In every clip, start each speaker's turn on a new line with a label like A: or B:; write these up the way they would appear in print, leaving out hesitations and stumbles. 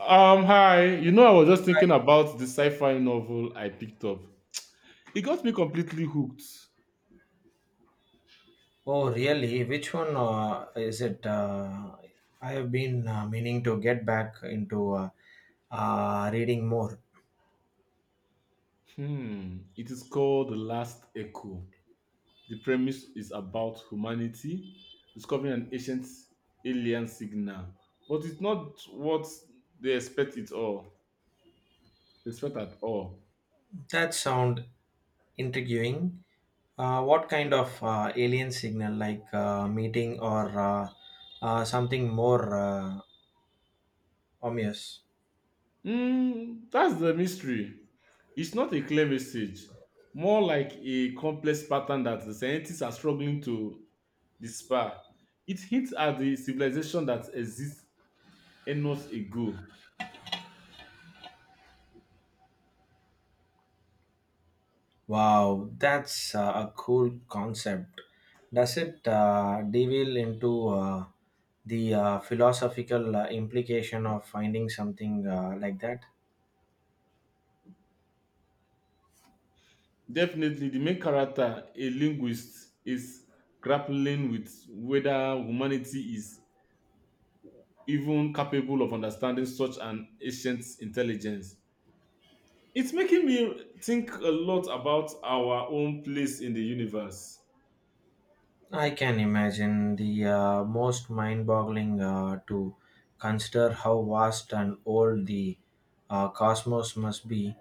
A: Hi. I was just thinking about the sci-fi novel I picked up. It got me completely hooked.
B: Oh, really? Which one is it? I have been meaning to get back into reading more.
A: Hmm. It is called The Last Echo. The premise is about humanity discovering an ancient alien signal, but it's not what they expect it all. They expect at all.
B: That sound intriguing. What kind of alien signal, like meeting or something more ominous?
A: Hmm. That's the mystery. It's not a clear message, more like a complex pattern that the scientists are struggling to despair. It hints at the civilization that exists eons ago.
B: Wow, that's a cool concept. Does it deviate into the philosophical implication of finding something like that?
A: Definitely, the main character, a linguist, is grappling with whether humanity is even capable of understanding such an ancient intelligence. It's making me think a lot about our own place in the universe.
B: I can imagine the most mind boggling to consider how vast and old the cosmos must be.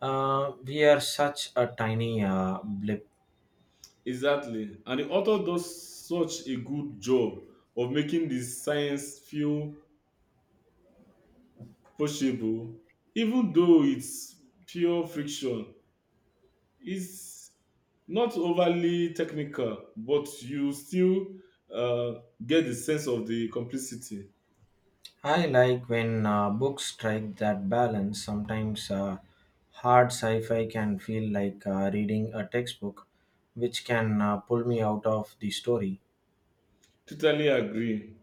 B: We are such a tiny blip.
A: Exactly. And the author does such a good job of making the science feel possible, even though it's pure friction. It's not overly technical, but you still get the sense of the complicity.
B: I like when books strike that balance. Sometimes hard sci fi can feel like reading a textbook, which can pull me out of the story.
A: Totally agree.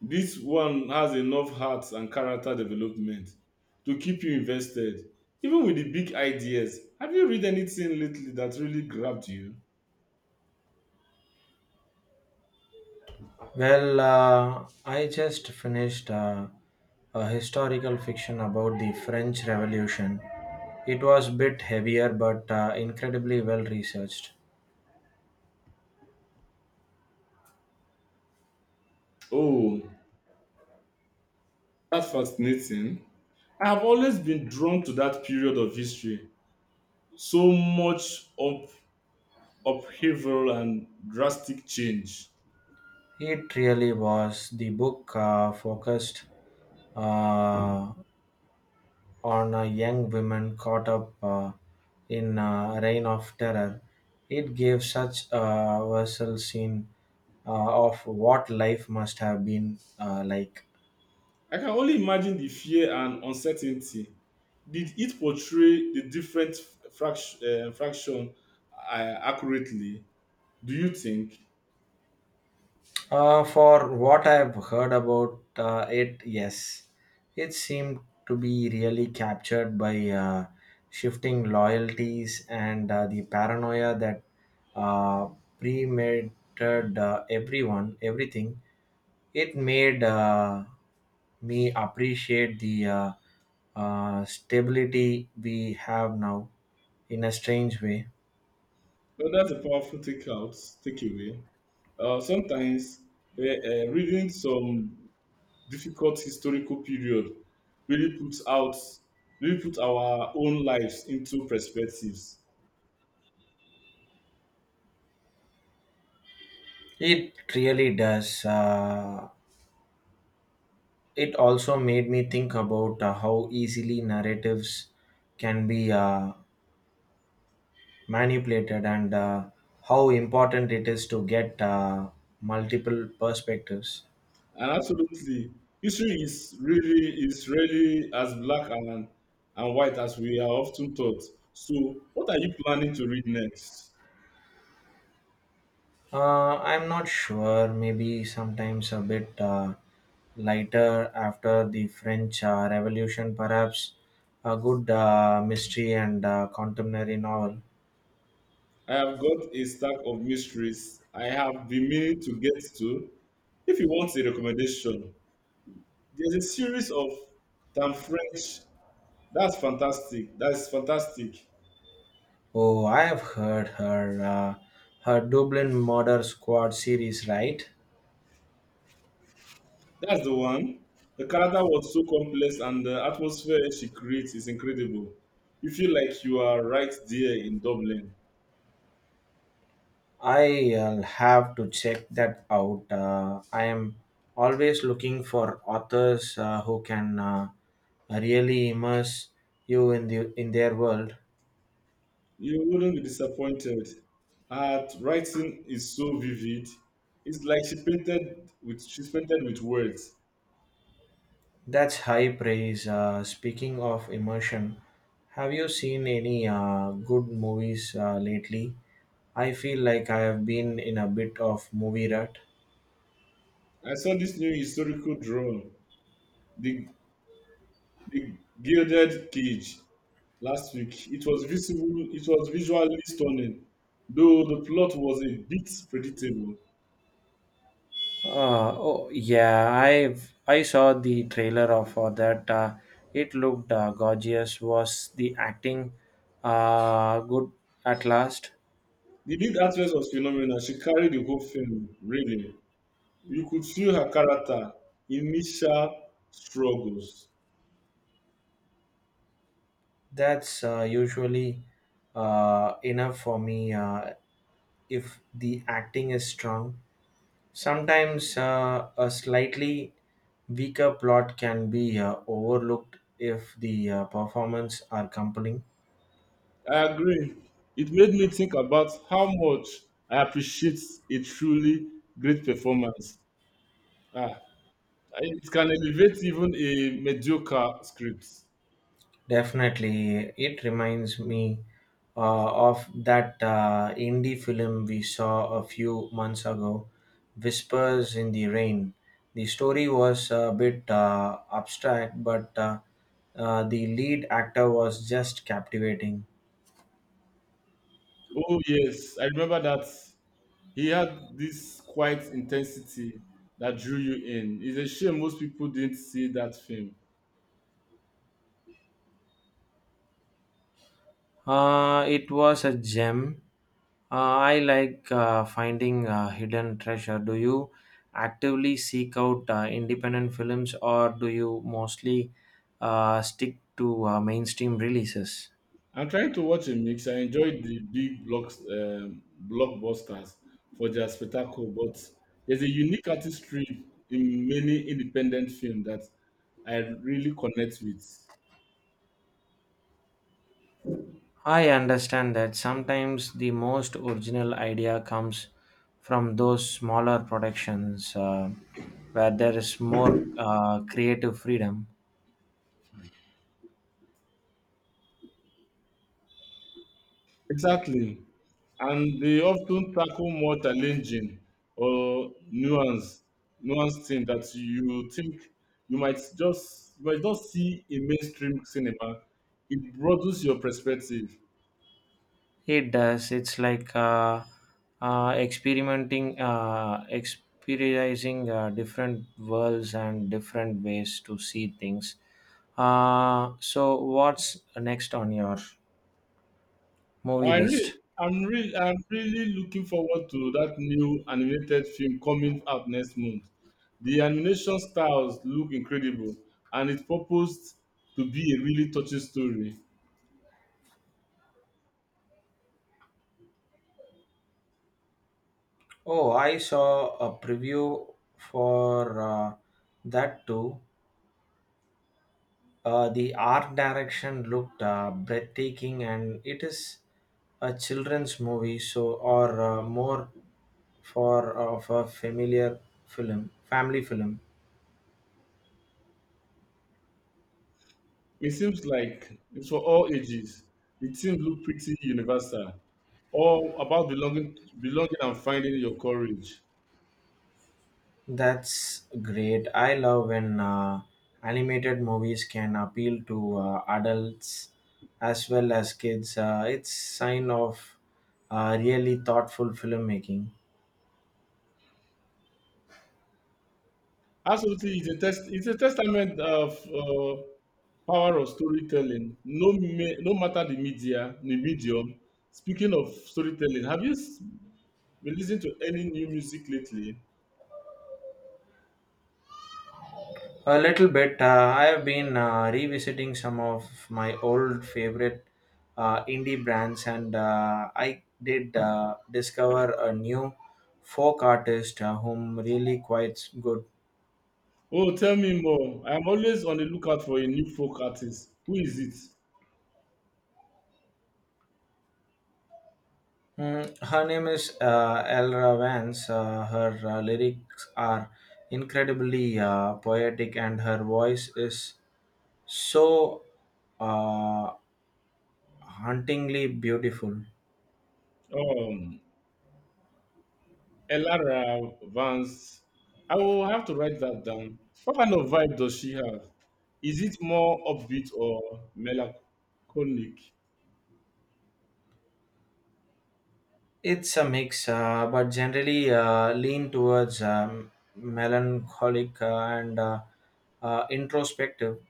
A: This one has enough heart and character development to keep you invested, even with the big ideas. Have you read anything lately that really grabbed you?
B: Well, I just finished a historical fiction about the French Revolution. It was a bit heavier but incredibly well researched.
A: Oh, that's fascinating. I have always been drawn to that period of history. So much upheaval and drastic change.
B: It really was. The book focused uh, on a young woman caught up in a reign of terror. It gave such a visceral scene of what life must have been like.
A: I can only imagine the fear and uncertainty. Did it portray the different fraction, fraction uh, accurately? Do you think?
B: For what I've heard about it, yes, it seemed to be really captured by shifting loyalties and the paranoia that uh, premeditated everyone, everything. It made me appreciate the stability we have now in a strange way.
A: Well, that's a powerful takeaway. Sometimes reading some difficult historical period really puts out, really put our own lives into perspectives.
B: It really does. It also made me think about how easily narratives can be manipulated and how important it is to get multiple perspectives.
A: And absolutely, history is really as black and white as we are often taught. So, what are you planning to read next?
B: I'm not sure, maybe sometimes a bit lighter after the French Revolution, perhaps a good mystery and contemporary novel.
A: I have got a stack of mysteries I have been meaning to get to. If you want a recommendation, there's a series of Tam French. That's fantastic.
B: Oh, I have heard her, uh, her Dublin Murder Squad series, right?
A: That's the one. The character was so complex, and the atmosphere she creates is incredible. You feel like you are right there in Dublin.
B: I'll have to check that out. I am always looking for authors who can really immerse you in the in their world.
A: You wouldn't be disappointed. Her writing is so vivid. It's like she's painted with words.
B: That's high praise. Speaking of immersion, have you seen any good movies lately? I feel like I have been in a bit of movie rut.
A: I saw this new historical drawing, the the gilded cage, last week. It was visible. It was visually stunning, though the plot was a bit predictable.
B: Oh yeah, I saw the trailer of for that. It looked gorgeous. Was the acting good at last?
A: The lead actress was phenomenal. She carried the whole film. Really, you could feel her character initial struggles.
B: That's usually enough for me. If the acting is strong, sometimes a slightly weaker plot can be overlooked if the performance are compelling.
A: I agree. It made me think about how much I appreciate a truly great performance. Ah, it can elevate even a mediocre script.
B: Definitely, it reminds me of that indie film we saw a few months ago, Whispers in the Rain. The story was a bit abstract, but the lead actor was just captivating.
A: Oh, yes, I remember that he had this quiet intensity that drew you in. It's a shame most people didn't see that film.
B: It was a gem. I like finding hidden treasure. Do you actively seek out independent films or do you mostly stick to mainstream releases?
A: I'm trying to watch a mix. I enjoyed the blockbusters for their spectacle, but there's a unique artistry in many independent films that I really connect with.
B: I understand that sometimes the most original idea comes from those smaller productions where there is more creative freedom.
A: Exactly. And they often tackle more challenging or nuanced thing that you think you might just you might not see in mainstream cinema. It broadens your perspective.
B: It does. It's like experimenting, experiencing different worlds and different ways to see things. So, what's next on your movie list?
A: I'm really looking forward to that new animated film coming out next month. The animation styles look incredible, and it's proposed to be a really touching story.
B: Oh, I saw a preview for that too. The art direction looked breathtaking, and it is a children's movie, so or more for of a familiar film, family film.
A: It seems like it's for all ages. The themes look pretty universal, all about belonging and finding your courage.
B: That's great. I love when animated movies can appeal to adults as well as kids. It's sign of really thoughtful filmmaking.
A: Absolutely, It's a testament of power of storytelling. No matter the media, the medium. Speaking of storytelling, been listening to any new music lately?
B: A little bit. I have been revisiting some of my old favorite indie brands, and I did discover a new folk artist whom really quite good.
A: Oh, tell me more. I'm always on the lookout for a new folk artist. Who is it?
B: Her name is Elra Vance. Her lyrics are incredibly poetic, and her voice is so uh, hauntingly beautiful.
A: Um, Elara Vance. I will have to write that down. What kind of vibe does she have? Is it more upbeat or melancholic?
B: It's a mix, but generally lean towards melancholic and introspective.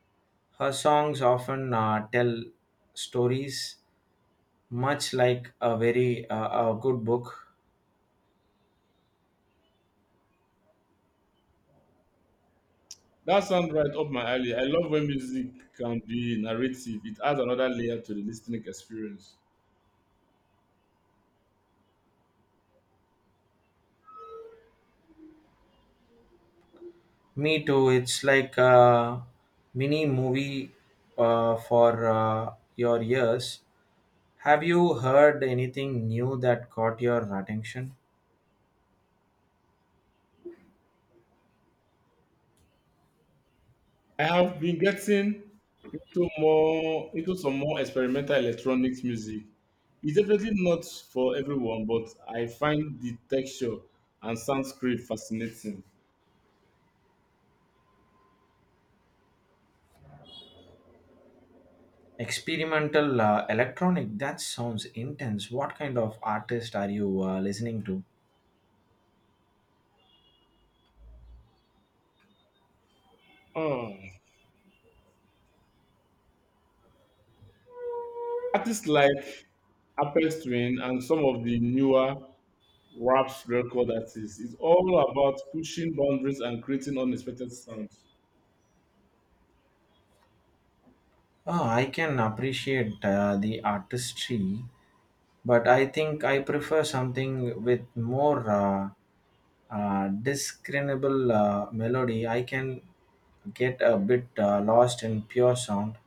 B: Her songs often tell stories, much like a good book.
A: That sounds right up my alley. I love when music can be narrative. It adds another layer to the listening experience.
B: Me too. It's like a mini movie for your ears. Have you heard anything new that caught your attention?
A: I have been getting into some more experimental electronics music. It's definitely not for everyone, but I find the texture and sound script fascinating.
B: Experimental electronic, that sounds intense. What kind of artist are you listening to?
A: Um, artists like Apex Twin and some of the newer rap record artists. It's all about pushing boundaries and creating unexpected sounds.
B: Oh, I can appreciate the artistry, but I think I prefer something with more discernible melody. I can get a bit lost in pure sound.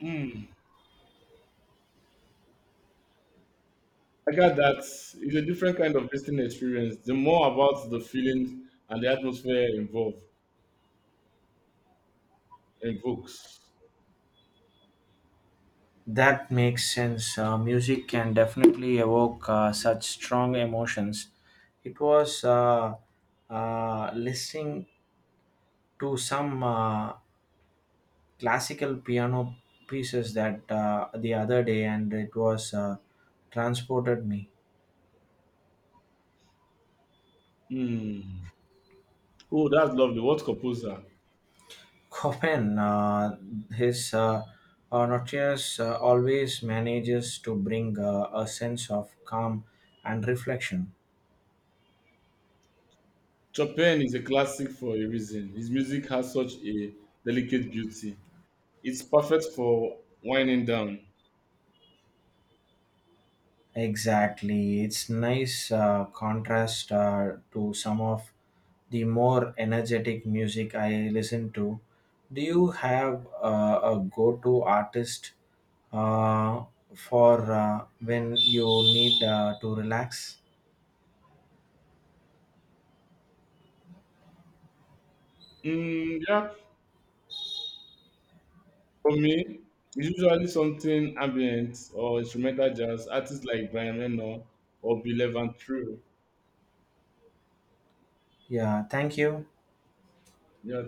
A: Hmm. I got that. It's a different kind of listening experience. The more about the feelings and the atmosphere involved invokes.
B: That makes sense. Music can definitely evoke such strong emotions. It was listening to some classical piano pieces that the other day and it was transported me.
A: Hmm. Oh, that's lovely. What composer?
B: Chopin, his Nocturnes, always manages to bring a sense of calm and reflection.
A: Chopin is a classic for a reason. His music has such a delicate beauty. It's perfect for winding down.
B: Exactly. It's nice contrast to some of the more energetic music I listen to. Do you have a go to artist uh, for when you need to relax?
A: Mm, yeah, for me, it's usually something ambient or instrumental jazz. Artists like Brian Eno or Bill Evans True.
B: Yeah, thank you.
A: Yeah,